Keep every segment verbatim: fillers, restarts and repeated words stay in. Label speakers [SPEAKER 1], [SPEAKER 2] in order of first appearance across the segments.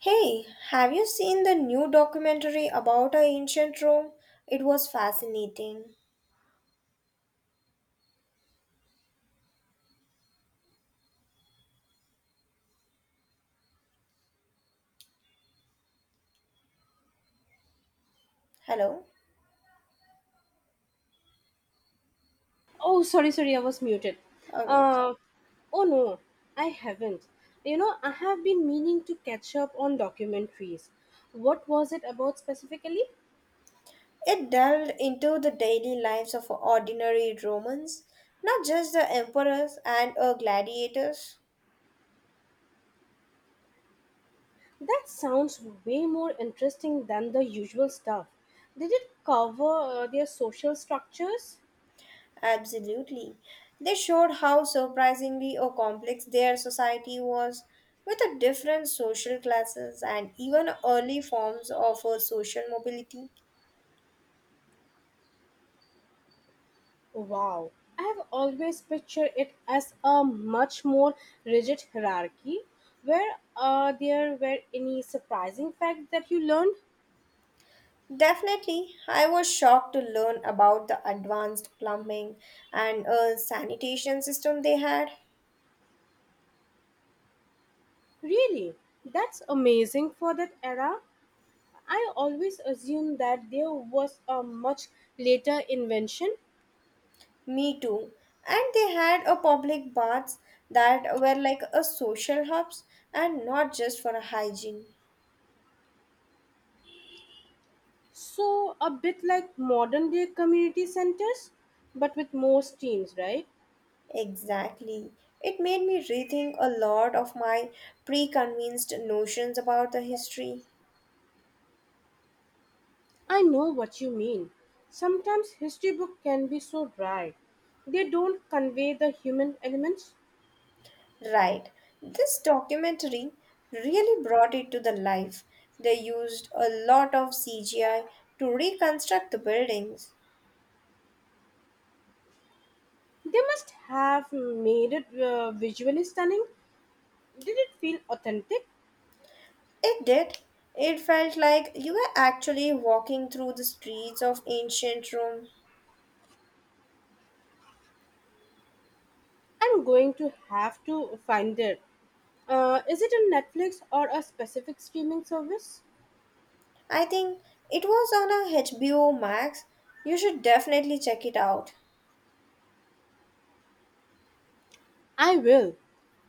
[SPEAKER 1] Hey, have you seen the new documentary about our ancient Rome? It was fascinating. Hello?
[SPEAKER 2] Oh, sorry, sorry, I was muted.
[SPEAKER 1] Okay.
[SPEAKER 2] Uh, oh no, I haven't. You know, I have been meaning to catch up on documentaries. What was it about specifically?
[SPEAKER 1] It delved into the daily lives of ordinary Romans, not just the emperors and uh, gladiators.
[SPEAKER 2] That sounds way more interesting than the usual stuff. Did it cover uh, their social structures?
[SPEAKER 1] Absolutely. They showed how surprisingly or complex their society was, with the different social classes and even early forms of uh, social mobility.
[SPEAKER 2] Wow, I have always pictured it as a much more rigid hierarchy. Were uh, there were any surprising facts that you learned?
[SPEAKER 1] Definitely, I was shocked to learn about the advanced plumbing and uh, sanitation system they had.
[SPEAKER 2] Really? That's amazing for that era. I always assumed that there was a much later invention,
[SPEAKER 1] Me too. And they had a public baths that were like a social hubs and not just for a hygiene.
[SPEAKER 2] so a bit like modern day community centers, but with more teams, right?
[SPEAKER 1] Exactly. It made me rethink a lot of my preconceived notions about the history.
[SPEAKER 2] I know what you mean. Sometimes history book can be so dry. They don't convey the human elements.
[SPEAKER 1] Right. This documentary really brought it to the life. They used a lot of C G I to reconstruct the buildings.
[SPEAKER 2] They must have made it uh, visually stunning. Did it feel authentic?
[SPEAKER 1] It did. It felt like you were actually walking through the streets of ancient Rome.
[SPEAKER 2] I'm going to have to find it. Uh, is it on Netflix or a specific streaming service?
[SPEAKER 1] I think it was on a H B O Max. You should definitely check it out.
[SPEAKER 2] I will.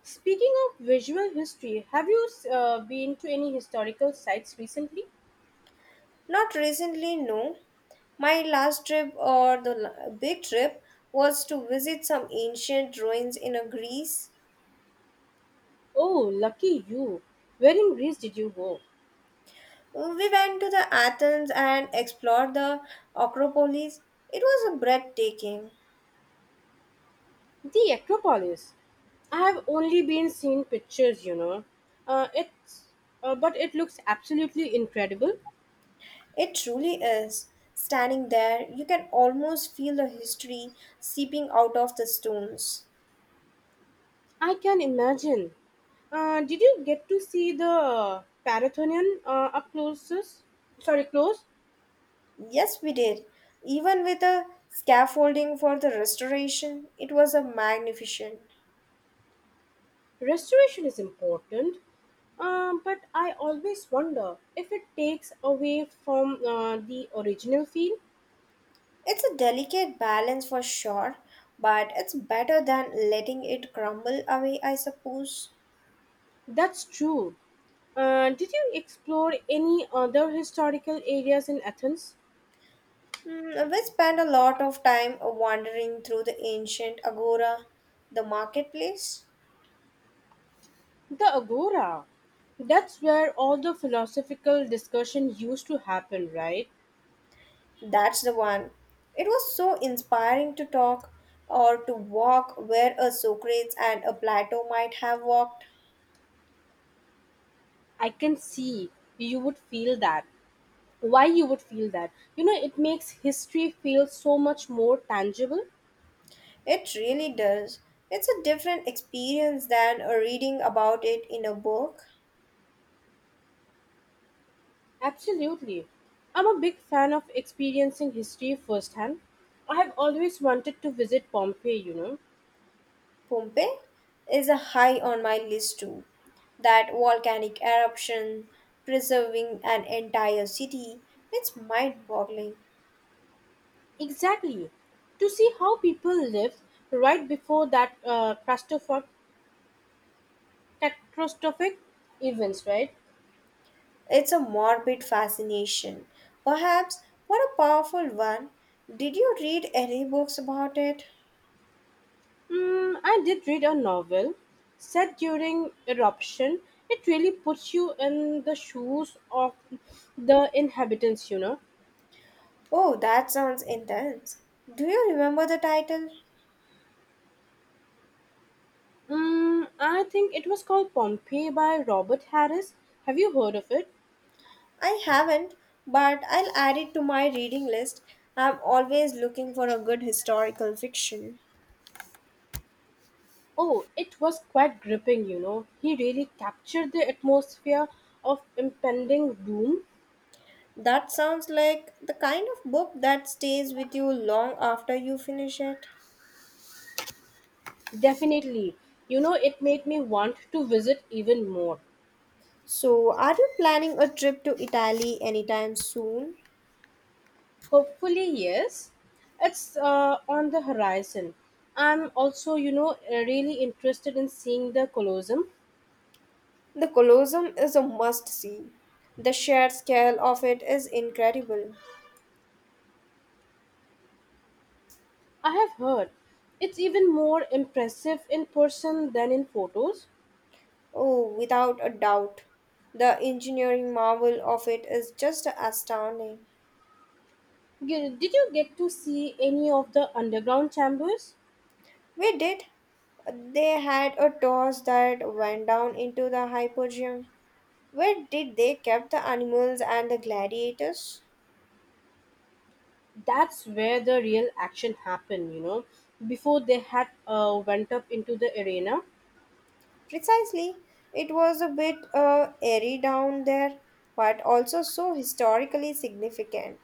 [SPEAKER 2] Speaking of visual history, have you uh, been to any historical sites recently?
[SPEAKER 1] Not recently, no. My last trip or the l- big trip was to visit some ancient ruins in a Greece.
[SPEAKER 2] Oh, lucky you. Where in Greece did you go?
[SPEAKER 1] We went to the Athens and explored the Acropolis. It was breathtaking.
[SPEAKER 2] The Acropolis. I have only been seeing pictures, you know. Uh, it's, uh, but it looks absolutely incredible.
[SPEAKER 1] It truly is. Standing there, you can almost feel the history seeping out of the stones.
[SPEAKER 2] I can imagine. Uh, did you get to see the Parathonian uh, up close? Sorry, close.
[SPEAKER 1] Yes, we did. Even with the scaffolding for the restoration, it was a magnificent.
[SPEAKER 2] Restoration is important, um, but I always wonder if it takes away from uh, the original feel.
[SPEAKER 1] It's a delicate balance for sure, but it's better than letting it crumble away, I suppose.
[SPEAKER 2] That's true. Uh, did you explore any other historical areas in Athens?
[SPEAKER 1] Mm, we spent a lot of time wandering through the ancient agora, the marketplace.
[SPEAKER 2] The Agora. That's where all the philosophical discussion used to happen, right?
[SPEAKER 1] That's the one. It was so inspiring to talk or to walk where a Socrates and a Plato might have walked.
[SPEAKER 2] I can see you would feel that. Why you would feel that, you know, it makes history feel so much more tangible.
[SPEAKER 1] It really does. It's a different experience than uh, reading about it in a book.
[SPEAKER 2] Absolutely. I'm a big fan of experiencing history firsthand. I have always wanted to visit Pompeii, you know.
[SPEAKER 1] Pompeii is a high on my list too. That volcanic eruption, preserving an entire city, it's mind boggling.
[SPEAKER 2] Exactly. To see how people lived right before that uh, catastrophic catastrophic events, right?
[SPEAKER 1] It's a morbid fascination, perhaps, what a powerful one. Did you read any books about it?
[SPEAKER 2] mm, I did read a novel set during eruption. It really puts you in the shoes of the inhabitants, you know.
[SPEAKER 1] Oh, that sounds intense. Do you remember the title?
[SPEAKER 2] Mm, I think it was called Pompeii by Robert Harris. Have you heard of it?
[SPEAKER 1] I haven't, but I'll add it to my reading list. I'm always looking for a good historical fiction.
[SPEAKER 2] Oh, it was quite gripping, you know. He really captured the atmosphere of impending doom.
[SPEAKER 1] That sounds like the kind of book that stays with you long after you finish it.
[SPEAKER 2] Definitely. You know, it made me want to visit even more.
[SPEAKER 1] So, are you planning a trip to Italy anytime soon?
[SPEAKER 2] Hopefully, yes. It's uh, on the horizon. I'm also, you know, uh, really interested in seeing the Colosseum.
[SPEAKER 1] The Colosseum is a must see. The sheer scale of it is incredible.
[SPEAKER 2] I have heard it's even more impressive in person than in photos.
[SPEAKER 1] Oh, without a doubt. The engineering marvel of it is just astounding.
[SPEAKER 2] Did did you get to see any of the underground chambers?
[SPEAKER 1] We did. They had a torch that went down into the hypogeum. Where did they keep the animals and the gladiators?
[SPEAKER 2] That's where the real action happened, you know, before they had uh, went up into the arena.
[SPEAKER 1] Precisely. It was a bit uh, airy down there, but also so historically significant.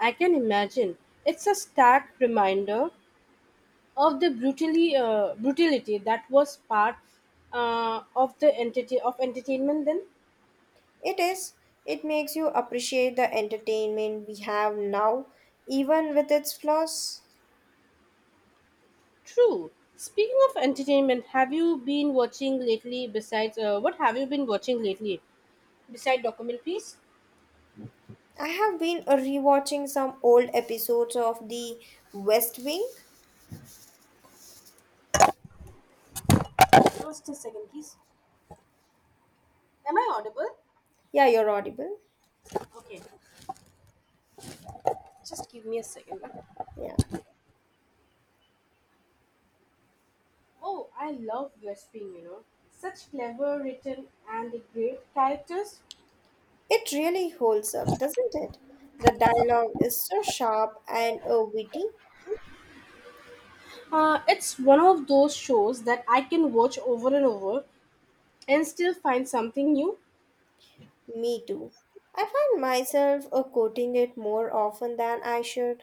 [SPEAKER 2] I can imagine. It's a stark reminder of the brutally uh, brutality that was part uh, of the entity of entertainment then.
[SPEAKER 1] It is. It makes you appreciate the entertainment we have now, even with its flaws.
[SPEAKER 2] True. Speaking of entertainment, have you been watching lately besides uh, what have you been watching lately? Beside documentaries?
[SPEAKER 1] I have been uh, rewatching some old episodes of The West Wing.
[SPEAKER 2] Just a second, please. Am I audible?
[SPEAKER 1] Yeah, you're audible.
[SPEAKER 2] Okay. Just give me a second.
[SPEAKER 1] Yeah.
[SPEAKER 2] Oh, I love Vespin, you know. Such clever written and great characters.
[SPEAKER 1] It really holds up, doesn't it? The dialogue is so sharp and uh, witty.
[SPEAKER 2] Uh, it's one of those shows that I can watch over and over and still find something new.
[SPEAKER 1] Me too. I find myself uh, quoting it more often than I should.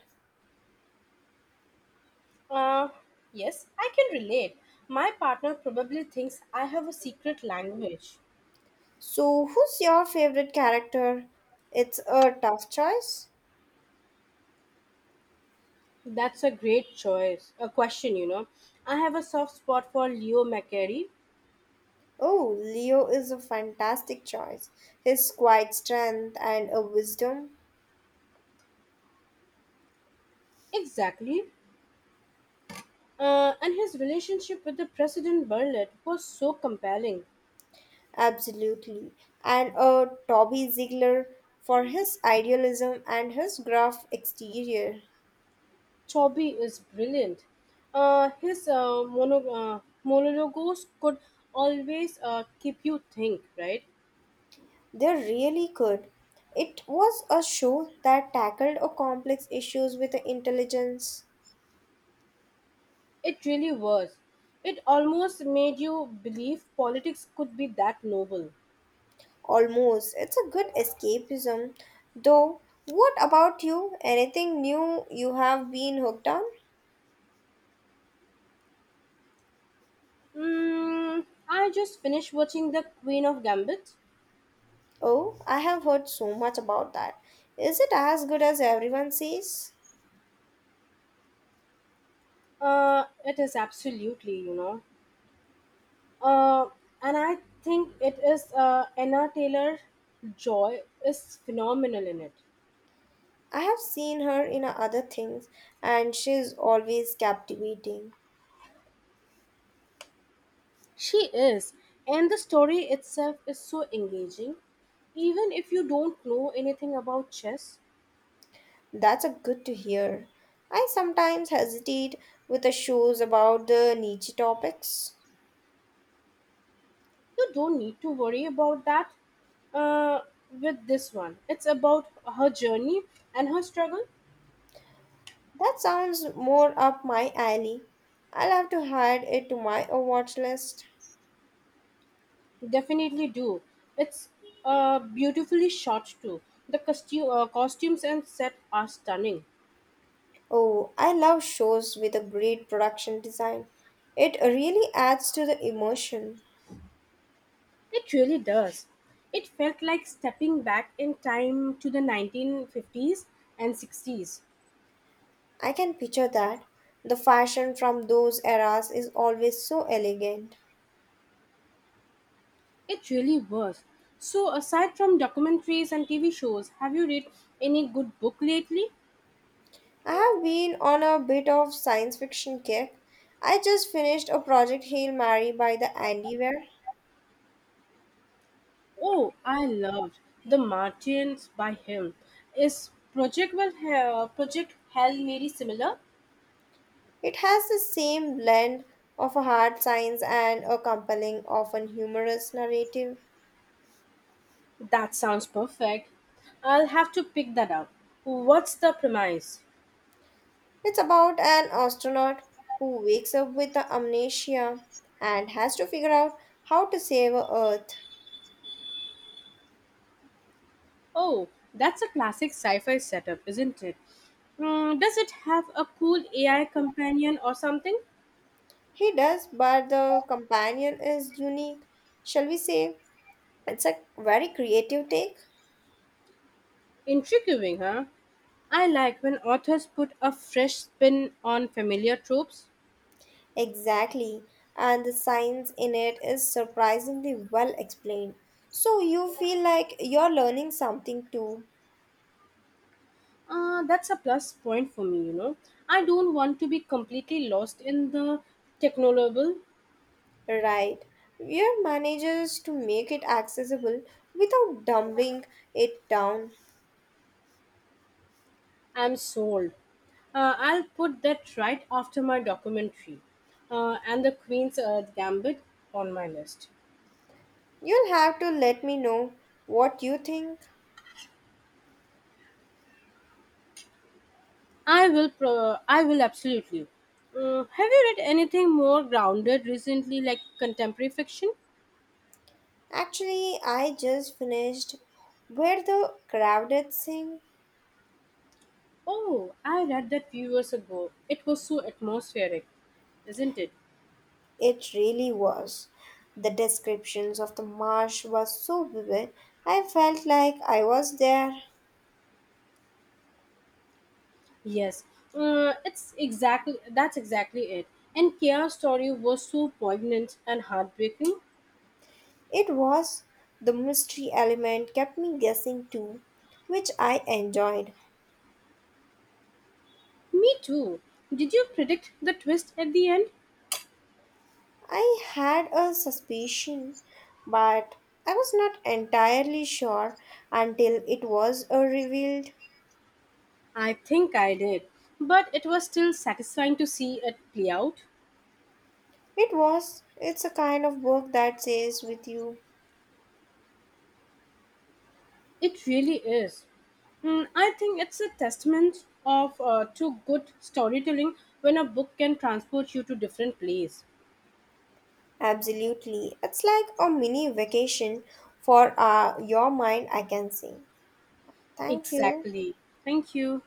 [SPEAKER 2] Uh, yes, I can relate. My partner probably thinks I have a secret language.
[SPEAKER 1] So, who's your favorite character? It's a tough choice.
[SPEAKER 2] That's a great choice. A question, you know. I have a soft spot for Leo McCarey.
[SPEAKER 1] Oh, Leo is a fantastic choice. His quiet strength and a wisdom,
[SPEAKER 2] Exactly. Uh, and his relationship with the President Bartlett was so compelling.
[SPEAKER 1] absolutely. And a Toby Ziegler for his idealism and his gruff exterior.
[SPEAKER 2] Chobby is brilliant. Uh, his uh, mono, uh, monologues could always uh, keep you think, right?
[SPEAKER 1] They're really good. It was a show that tackled a complex issues with the intelligence.
[SPEAKER 2] It really was. It almost made you believe politics could be that noble.
[SPEAKER 1] Almost. It's a good escapism. Though, what about you? Anything new you have been hooked on?
[SPEAKER 2] Mm, I just finished watching The Queen of Gambit.
[SPEAKER 1] Oh, I have heard so much about that. Is it as good as everyone says?
[SPEAKER 2] Uh, it is absolutely, you know. uh, and I think it is uh, Anna Taylor Joy is phenomenal in it.
[SPEAKER 1] I have seen her in other things and she's always captivating.
[SPEAKER 2] She is, and the story itself is so engaging. Even if you don't know anything about chess,
[SPEAKER 1] That's a good to hear. I sometimes hesitate with the shows about the niche topics.
[SPEAKER 2] you don't need to worry about that. Uh, with this one, it's about her journey and her struggle.
[SPEAKER 1] That sounds more up my alley. I'll have to add it to my uh, watch list.
[SPEAKER 2] Definitely do. It's uh, beautifully shot too. The costume, uh, costumes and set are stunning.
[SPEAKER 1] Oh, I love shows with a great production design. It really adds to the emotion.
[SPEAKER 2] It really does. It felt like stepping back in time to the nineteen fifties and sixties.
[SPEAKER 1] I can picture that. The fashion from those eras is always so elegant.
[SPEAKER 2] It really was. So, aside from documentaries and T V shows, have you read any good book lately?
[SPEAKER 1] I have been on a bit of science fiction kick. I just finished a project Hail Mary by the Andy Weir.
[SPEAKER 2] Oh, I loved The Martians by him. Is Project well, uh, Project Hail Mary similar?
[SPEAKER 1] It has the same blend of a hard science and a compelling, often humorous narrative.
[SPEAKER 2] That sounds perfect. I'll have to pick that up. What's the premise?
[SPEAKER 1] It's about an astronaut who wakes up with a amnesia and has to figure out how to save Earth.
[SPEAKER 2] Oh, that's a classic sci fi setup, isn't it? Mm, does it have a cool A I companion or something?
[SPEAKER 1] He does, but the companion is unique, shall we say, It's a very creative take.
[SPEAKER 2] Intriguing, huh? I like when authors put a fresh spin on familiar tropes.
[SPEAKER 1] Exactly. And the science in it is surprisingly well explained. So you feel like you're learning something too,
[SPEAKER 2] Uh, that's a plus point for me, you know. I don't want to be completely lost in the technoloble.
[SPEAKER 1] right? Your manages to make it accessible without dumbing it down.
[SPEAKER 2] I'm sold. Uh, I'll put that right after my documentary uh, and the Queen's uh, Gambit on my list.
[SPEAKER 1] You'll have to let me know what you think.
[SPEAKER 2] I will pro- I will absolutely. Mm, have you read anything more grounded recently, like contemporary fiction?
[SPEAKER 1] Actually, I just finished Where the Crowded Sing
[SPEAKER 2] Oh, I read that few years ago. It was so atmospheric, isn't it?
[SPEAKER 1] It really was. The descriptions of the marsh were so vivid. I felt like I was there.
[SPEAKER 2] Yes. Uh, it's exactly That's exactly it. And Kia's story was so poignant and heartbreaking.
[SPEAKER 1] It was. The mystery element kept me guessing too, which I enjoyed.
[SPEAKER 2] Me too. Did you predict the twist at the end?
[SPEAKER 1] I had a suspicion, but I was not entirely sure until it was uh, revealed.
[SPEAKER 2] I think I did. But it was still satisfying to see it play out.
[SPEAKER 1] It was. It's a kind of book that stays with you.
[SPEAKER 2] It really is. Mm, I think it's a testament of uh, to good storytelling when a book can transport you to different place.
[SPEAKER 1] Absolutely. It's like a mini vacation for uh, your mind, I can say. Thank you.
[SPEAKER 2] Exactly. Thank you.